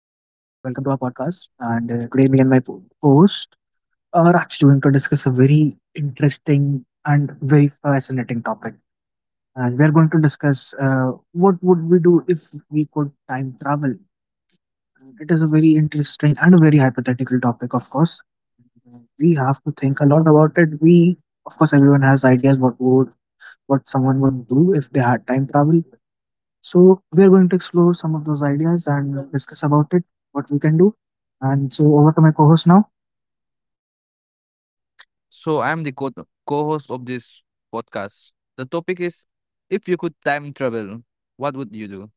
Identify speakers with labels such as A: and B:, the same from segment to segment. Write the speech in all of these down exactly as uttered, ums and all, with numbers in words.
A: podcast. And uh, Today, me and my po- host are actually going to discuss a very interesting and very fascinating topic. And we are going to discuss uh, what would we do if we could time travel. And it is a very interesting and a very hypothetical topic, of course. We have to think a lot about it. We, of course, everyone has ideas what would what someone would do if they had time travel, so we are going to explore some of those ideas and discuss about it, what we can do. And so over to my co-host now.
B: So I'm the co- co-host of this podcast. The topic is, if you could time travel, what would you do?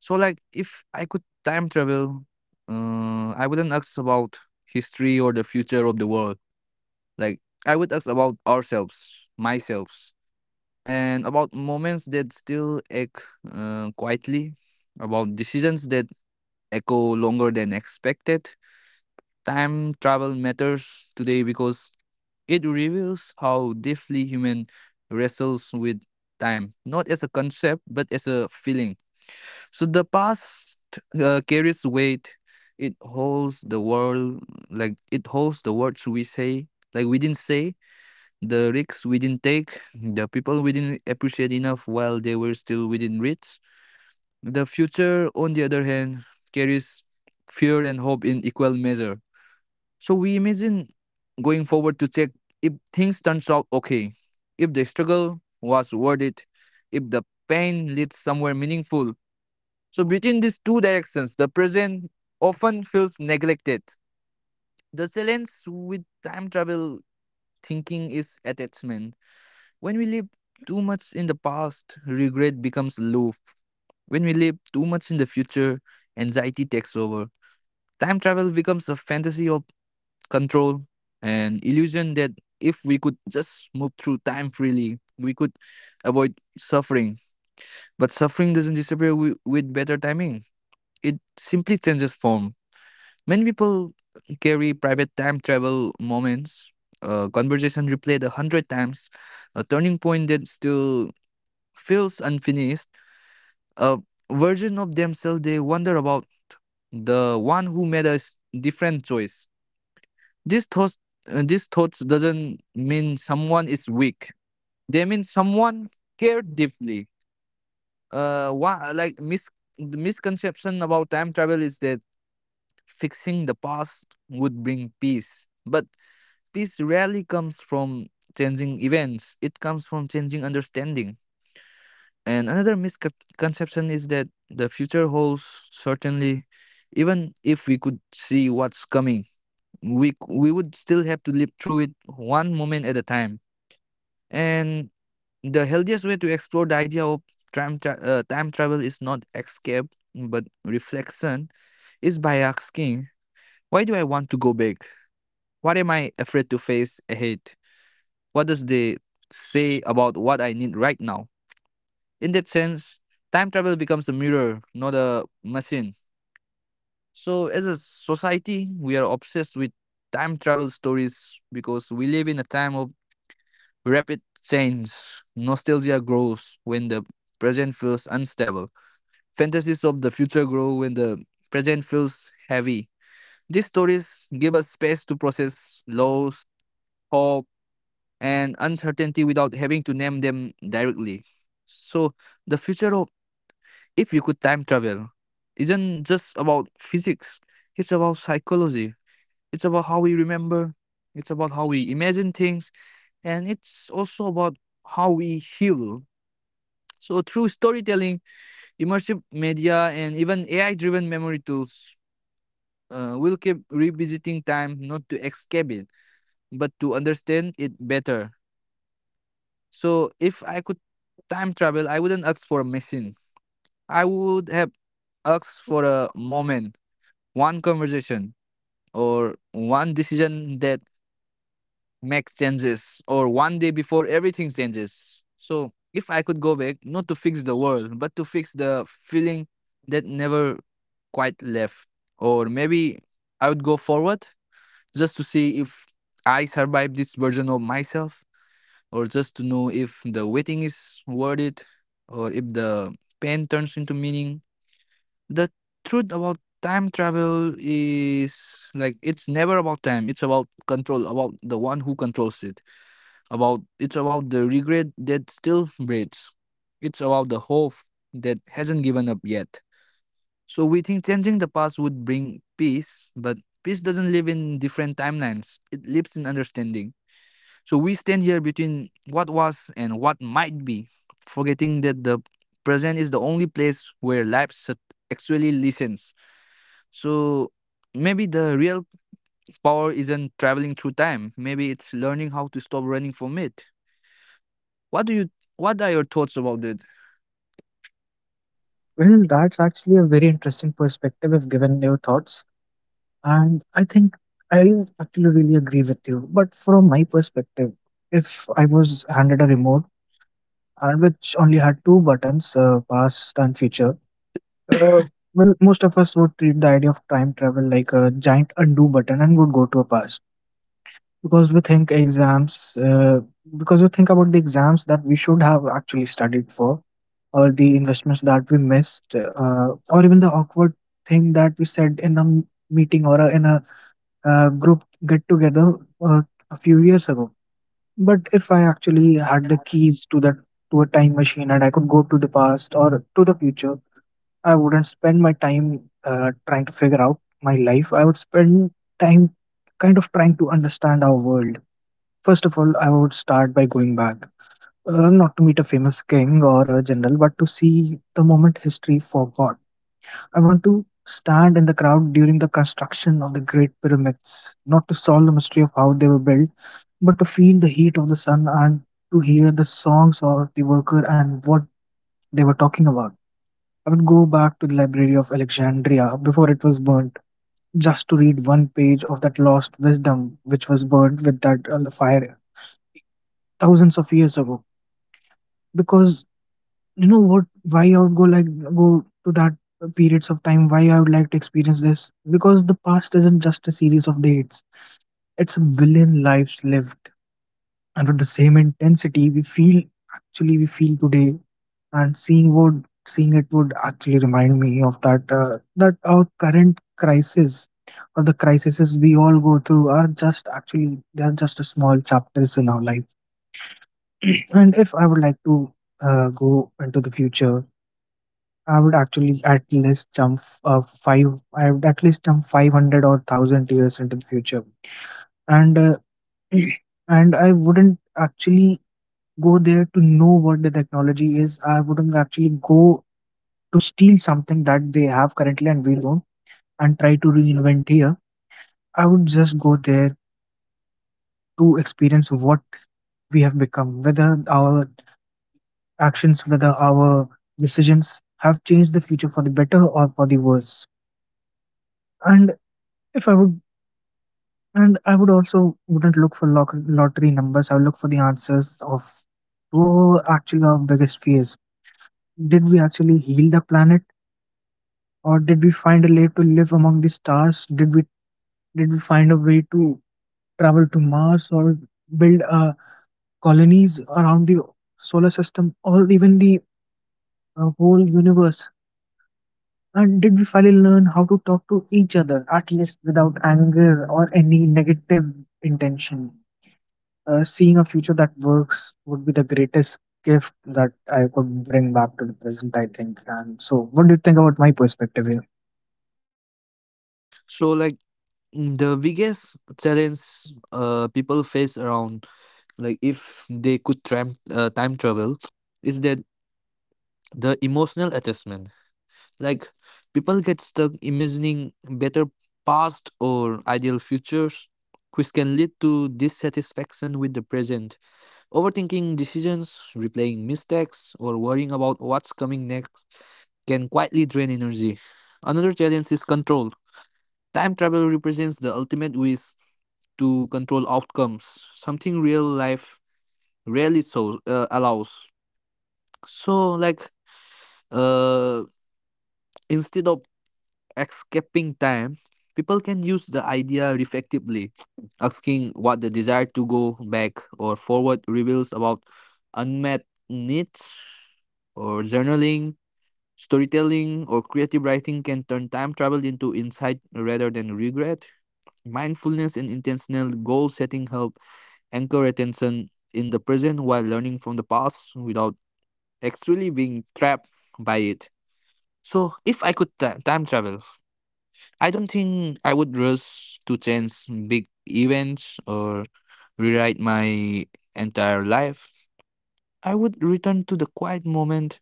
B: So, like, if I could time travel, uh, I wouldn't ask about history or the future of the world. Like, I would ask about ourselves, myself, and about moments that still ache uh, quietly, about decisions that echo longer than expected. Time travel matters today because it reveals how deeply human wrestles with time, not as a concept, but as a feeling. So the past uh, carries weight. It holds the world, like it holds the words we say, like we didn't say, the risks we didn't take, the people we didn't appreciate enough while they were still within reach. The future, on the other hand, carries fear and hope in equal measure. So we imagine going forward to check if things turns out okay, if the struggle was worth it, if the pain leads somewhere meaningful. So between these two directions, the present often feels neglected. The challenge with time travel thinking is attachment. When we live too much in the past, regret becomes low. When we live too much in the future, anxiety takes over. Time travel becomes a fantasy of control, and illusion that if we could just move through time freely, we could avoid suffering. But suffering doesn't disappear wi- with better timing, it simply changes form. Many people carry private time travel moments, a conversation replayed a hundred times, a turning point that still feels unfinished, a version of themselves they wonder about, the one who made a s- different choice. This thought, uh, this thought doesn't mean someone is weak. They mean someone cared deeply. Uh, why, like mis- the misconception about time travel is that fixing the past would bring peace, but peace rarely comes from changing events. It comes from changing understanding. And another misconception is that the future holds certainly, even if we could see what's coming, we c- we would still have to live through it one moment at a time. And the healthiest way to explore the idea of time, tra- uh, time travel is not escape, but reflection, is by asking, why do I want to go back? What am I afraid to face ahead? What does they say about what I need right now? In that sense, time travel becomes a mirror, not a machine. So, as a society, we are obsessed with time travel stories because we live in a time of rapid change. Nostalgia grows when the present feels unstable. Fantasies of the future grow when the present feels heavy. These stories give us space to process loss, hope, and uncertainty without having to name them directly. So, the future of, if you could time travel, isn't just about physics, it's about psychology, it's about how we remember, it's about how we imagine things, and it's also about how we heal. So, through storytelling, immersive media, and even A I driven memory tools, uh, we'll keep revisiting time not to escape it, but to understand it better. So, if I could time travel, I wouldn't ask for a machine. I would have asked for a moment, one conversation, or one decision that makes changes, or one day before everything changes. So, if I could go back, not to fix the world, but to fix the feeling that never quite left. Or maybe I would go forward just to see if I survive this version of myself, or just to know if the waiting is worth it, or if the pain turns into meaning. The truth about time travel is, like, it's never about time, it's about control, about the one who controls it, about, it's about the regret that still breathes, it's about the hope that hasn't given up yet. So we think changing the past would bring peace, but peace doesn't live in different timelines, it lives in understanding. So we stand here between what was and what might be, forgetting that the present is the only place where life sat- actually listens. So maybe the real power isn't traveling through time, maybe it's learning how to stop running from it. What do you? What are your thoughts about it?
A: Well, that's actually a very interesting perspective if given your thoughts. And I think I actually really agree with you. But from my perspective, if I was handed a remote and which only had two buttons, uh, past and future, uh, well, most of us would treat the idea of time travel like a giant undo button and would go to a past, because we think exams uh, because we think about the exams that we should have actually studied for, or the investments that we missed, uh, or even the awkward thing that we said in a m- meeting, or a, in a uh, group get together uh, a few years ago. But if I actually had the keys to that, to a time machine, and I could go to the past or to the future, I wouldn't spend my time uh, trying to figure out my life. I would spend time kind of trying to understand our world. First of all, I would start by going back, uh, not to meet a famous king or a general, but to see the moment history forgot. I want to stand in the crowd during the construction of the Great Pyramids, not to solve the mystery of how they were built, but to feel the heat of the sun and to hear the songs of the worker and what they were talking about. I would go back to the Library of Alexandria before it was burnt, just to read one page of that lost wisdom which was burnt with that uh, fire thousands of years ago. Because, you know what, why I would go like go to that periods of time, why I would like to experience this, because the past isn't just a series of dates, it's a billion lives lived, and with the same intensity we feel actually we feel today. And seeing would seeing it would actually remind me of that uh, that our current crisis or the crises we all go through are just actually they are just a small chapters in our life. And if I would like to uh, go into the future, I would actually at least jump uh, five. I would at least jump five hundred or thousand years into the future, and uh, and I wouldn't actually go there to know what the technology is. I wouldn't actually go to steal something that they have currently and we don't, and try to reinvent here. I would just go there to experience what we have become, whether our actions, whether our decisions have changed the future for the better or for the worse. And if I would And I would also wouldn't look for loc- lottery numbers. I would look for the answers of who actually our biggest fears. Did we actually heal the planet, or did we find a way to live among the stars? Did we did we find a way to travel to Mars or build uh, colonies around the solar system or even the uh, whole universe? And did we finally learn how to talk to each other, at least without anger or any negative intention? Uh, seeing a future that works would be the greatest gift that I could bring back to the present, I think. And so, what do you think about my perspective here?
B: So, like, mm, the biggest challenge uh, people face around, like, if they could time uh, time travel, is that the emotional attachment. Like, people get stuck imagining better past or ideal futures, which can lead to dissatisfaction with the present. Overthinking decisions, replaying mistakes, or worrying about what's coming next can quietly drain energy. Another challenge is control. Time travel represents the ultimate wish to control outcomes, something real life rarely so uh, allows. So, like, uh, instead of escaping time, people can use the idea reflectively, asking what the desire to go back or forward reveals about unmet needs, or journaling, storytelling, or creative writing can turn time travel into insight rather than regret. Mindfulness and intentional goal setting help anchor attention in the present while learning from the past without actually being trapped by it. So, if I could ti- time travel, I don't think I would rush to change big events or rewrite my entire life. I would return to the quiet moment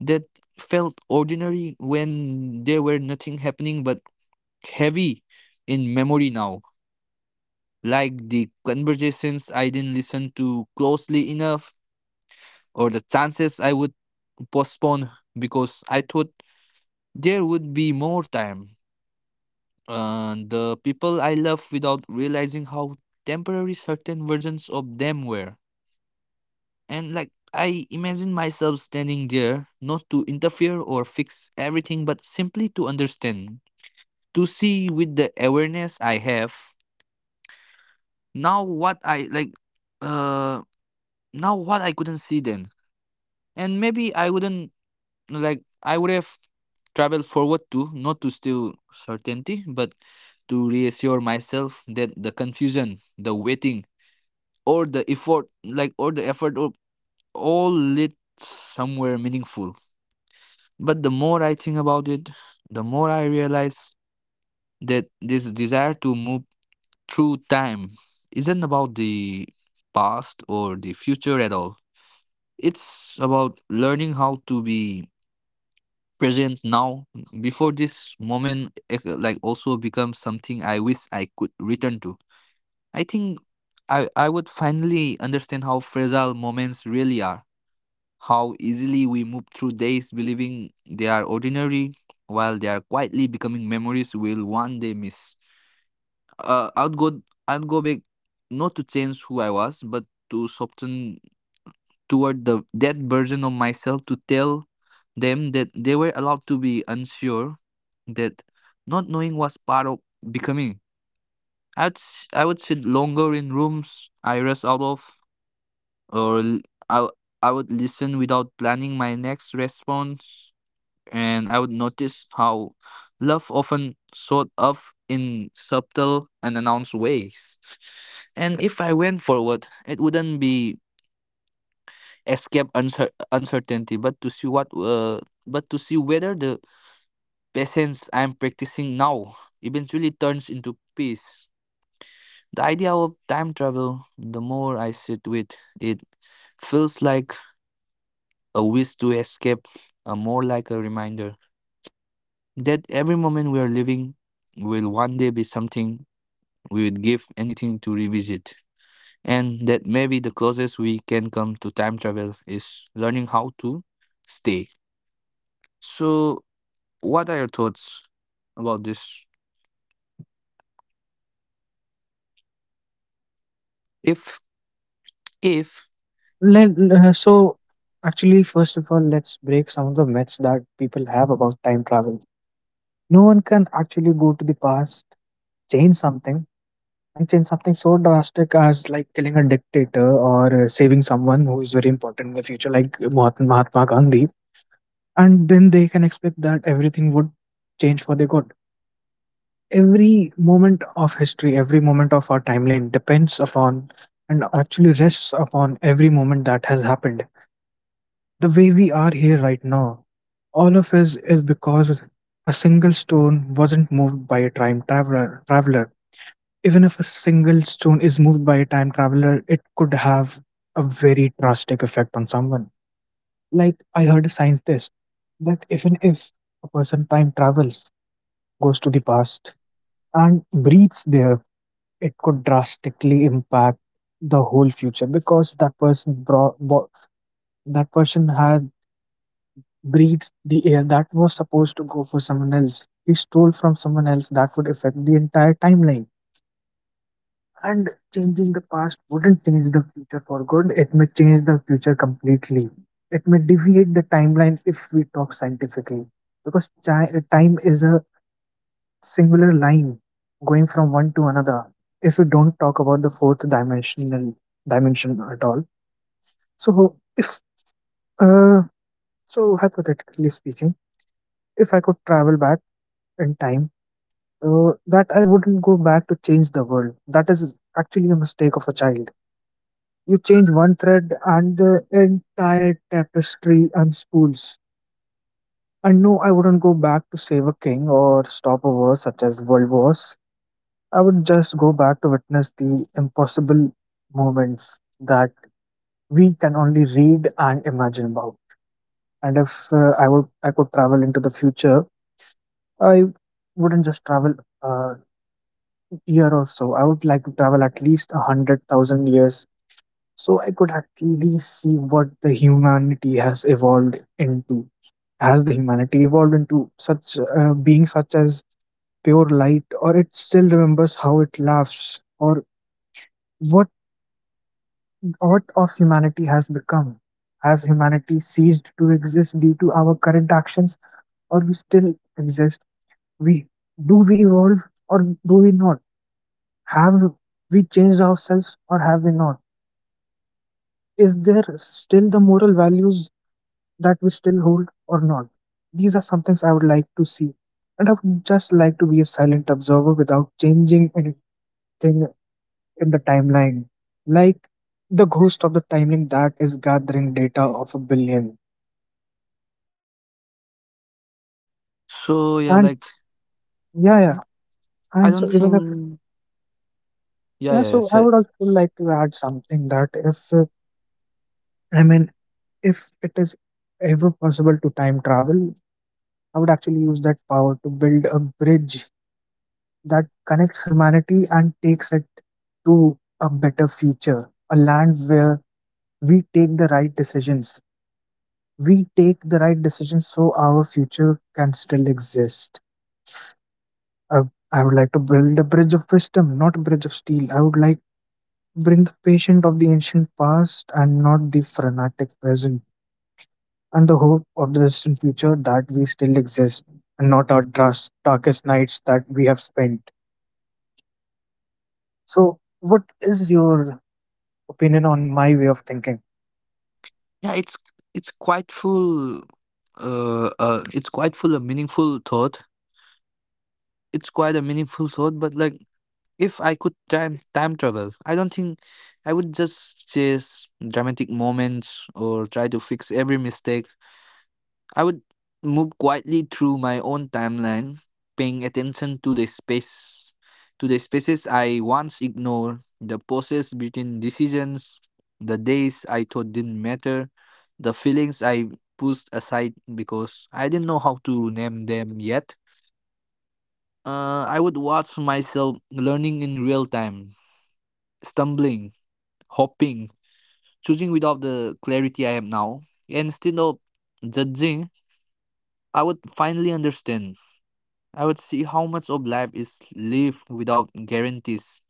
B: that felt ordinary, when there were nothing happening but heavy in memory now. Like the conversations I didn't listen to closely enough, or the chances I would postpone because I thought there would be more time. Uh, the people I love without realizing how temporary certain versions of them were. And, like, I imagine myself standing there, not to interfere or fix everything, but simply to understand, to see with the awareness I have now what I like, uh, now what I couldn't see then. And maybe I wouldn't, like, I would have traveled forward too, not to steal certainty, but to reassure myself that the confusion, the waiting, or the effort like or the effort, or all lit somewhere meaningful. But the more I think about it, the more I realize that this desire to move through time isn't about the past or the future at all. It's about learning how to be present now, before this moment eh, like also becomes something I wish I could return to. I think i i would finally understand how fragile moments really are, how easily we move through days believing they are ordinary, while they are quietly becoming memories we'll one day miss. Uh, I'd go I'd go back, not to change who I was, but to soften toward the that version of myself, to tell them that they were allowed to be unsure, that not knowing was part of becoming. I'd s- I would sit longer in rooms I rest out of, or l- I w- I would listen without planning my next response, and I would notice how love often showed up in subtle, unannounced ways. And if I went forward, it wouldn't be escape uncer- uncertainty, but to see what, uh, but to see whether the patience I'm practicing now eventually turns into peace. The idea of time travel, the more I sit with it, feels like a wish to escape, uh, more like a reminder that every moment we are living will one day be something we would give anything to revisit. And that maybe the closest we can come to time travel is learning how to stay. So, what are your thoughts about this? If, if,
A: Let, uh, so, Actually, first of all, let's break some of the myths that people have about time travel. No one can actually go to the past, change something, and change something so drastic as like killing a dictator or uh, saving someone who is very important in the future, like Mahatma, Mahatma Gandhi. And then they can expect that everything would change for the good. Every moment of history, every moment of our timeline depends upon and actually rests upon every moment that has happened. The way we are here right now, all of us, is because a single stone wasn't moved by a time traveler. Traveler, even if a single stone is moved by a time traveler, it could have a very drastic effect on someone. Like, I heard a scientist that even if a person time travels, goes to the past, and breathes there, it could drastically impact the whole future, because that person brought bo- that person has breathed the air that was supposed to go for someone else, he stole from someone else. That would affect the entire timeline, and changing the past wouldn't change the future for good. It may change the future completely. It may deviate the timeline. If we talk scientifically, because chi- time is a singular line going from one to another, if we don't talk about the fourth dimensional dimension at all. So if, uh, so hypothetically speaking, if I could travel back in time, uh, that I wouldn't go back to change the world. That is actually a mistake of a child. You change one thread and the entire tapestry unspools. And no, I wouldn't go back to save a king or stop a war such as world wars. I would just go back to witness the impossible moments that we can only read and imagine about. And if uh, I would, I could travel into the future, I wouldn't just travel a year or so. I would like to travel at least a hundred thousand years, so I could actually see what the humanity has evolved into. Has the humanity evolved into such uh, being such as pure light, or it still remembers how it laughs, or what what of humanity has become? Has humanity ceased to exist due to our current actions, or we still exist? We Do we evolve or do we not? Have we changed ourselves or have we not? Is there still the moral values that we still hold or not? These are some things I would like to see, and I would just like to be a silent observer without changing anything in the timeline, like the ghost of the timeline that is gathering data of a billion.
B: so yeah,
A: And
B: like,
A: yeah, yeah.
B: I
A: And so
B: don't
A: even if,
B: think, yeah,
A: yeah,
B: yeah, yeah,
A: so
B: so
A: I would
B: it's-
A: also
B: it's-
A: like to add something that if uh, I mean, if it is ever possible to time travel, I would actually use that power to build a bridge that connects humanity and takes it to a better future, a land where we take the right decisions. We take the right decisions so our future can still exist. Uh, I would like to build a bridge of wisdom, not a bridge of steel. I would like bring the patient of the ancient past and not the frenetic present, and the hope of the distant future that we still exist and not our dras- darkest nights that we have spent. So, what is your opinion on my way of thinking?
B: yeah, it's, it's quite full, uh, uh, it's quite full of meaningful thought. It's quite a meaningful thought, but, like, if I could time time travel, I don't think I would just chase dramatic moments or try to fix every mistake. I would move quietly through my own timeline, paying attention to the space to the spaces I once ignored, the pauses between decisions, the days I thought didn't matter, the feelings I pushed aside because I didn't know how to name them yet. Uh, I would watch myself learning in real time, stumbling, hoping, choosing without the clarity I have now, and instead of judging, I would finally understand. I would see how much of life is lived without guarantees,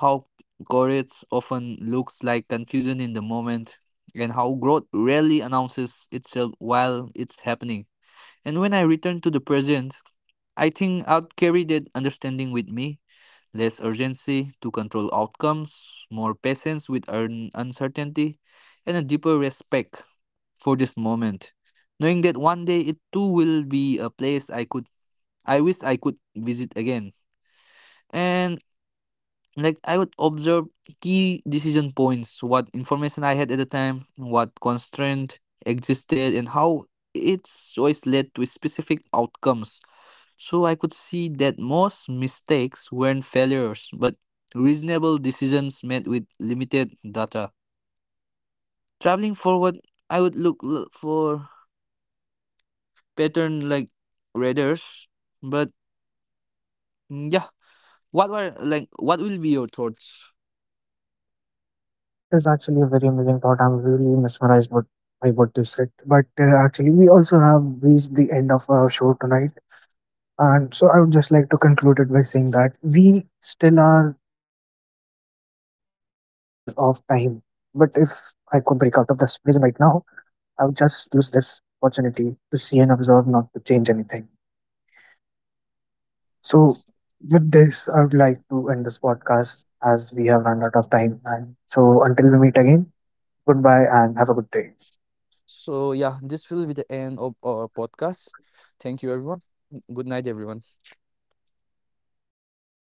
B: how courage often looks like confusion in the moment, and how growth rarely announces itself while it's happening. And when I return to the present, I think I'll carry that understanding with me, less urgency to control outcomes, more patience with un- uncertainty, and a deeper respect for this moment, knowing that one day it too will be a place I could I wish I could visit again. And, like, I would observe key decision points, what information I had at the time, what constraint existed, and how its choice led to specific outcomes, so I could see that most mistakes weren't failures, but reasonable decisions made with limited data. Traveling forward, I would look l- for pattern like radars. But mm, yeah, what were like what will be your thoughts?
A: That is actually a very amazing thought. I'm really mesmerized what, by what you said. But uh, actually, we also have reached the end of our show tonight. And so I would just like to conclude it by saying that we still are a prisoner of time. But if I could break out of this prison right now, I would just use this opportunity to see and observe, not to change anything. So, with this, I would like to end this podcast as we have run out of time. And so, until we meet again, goodbye and have a good day.
B: So yeah, this will be the end of our podcast. Thank you everyone. Good night everyone.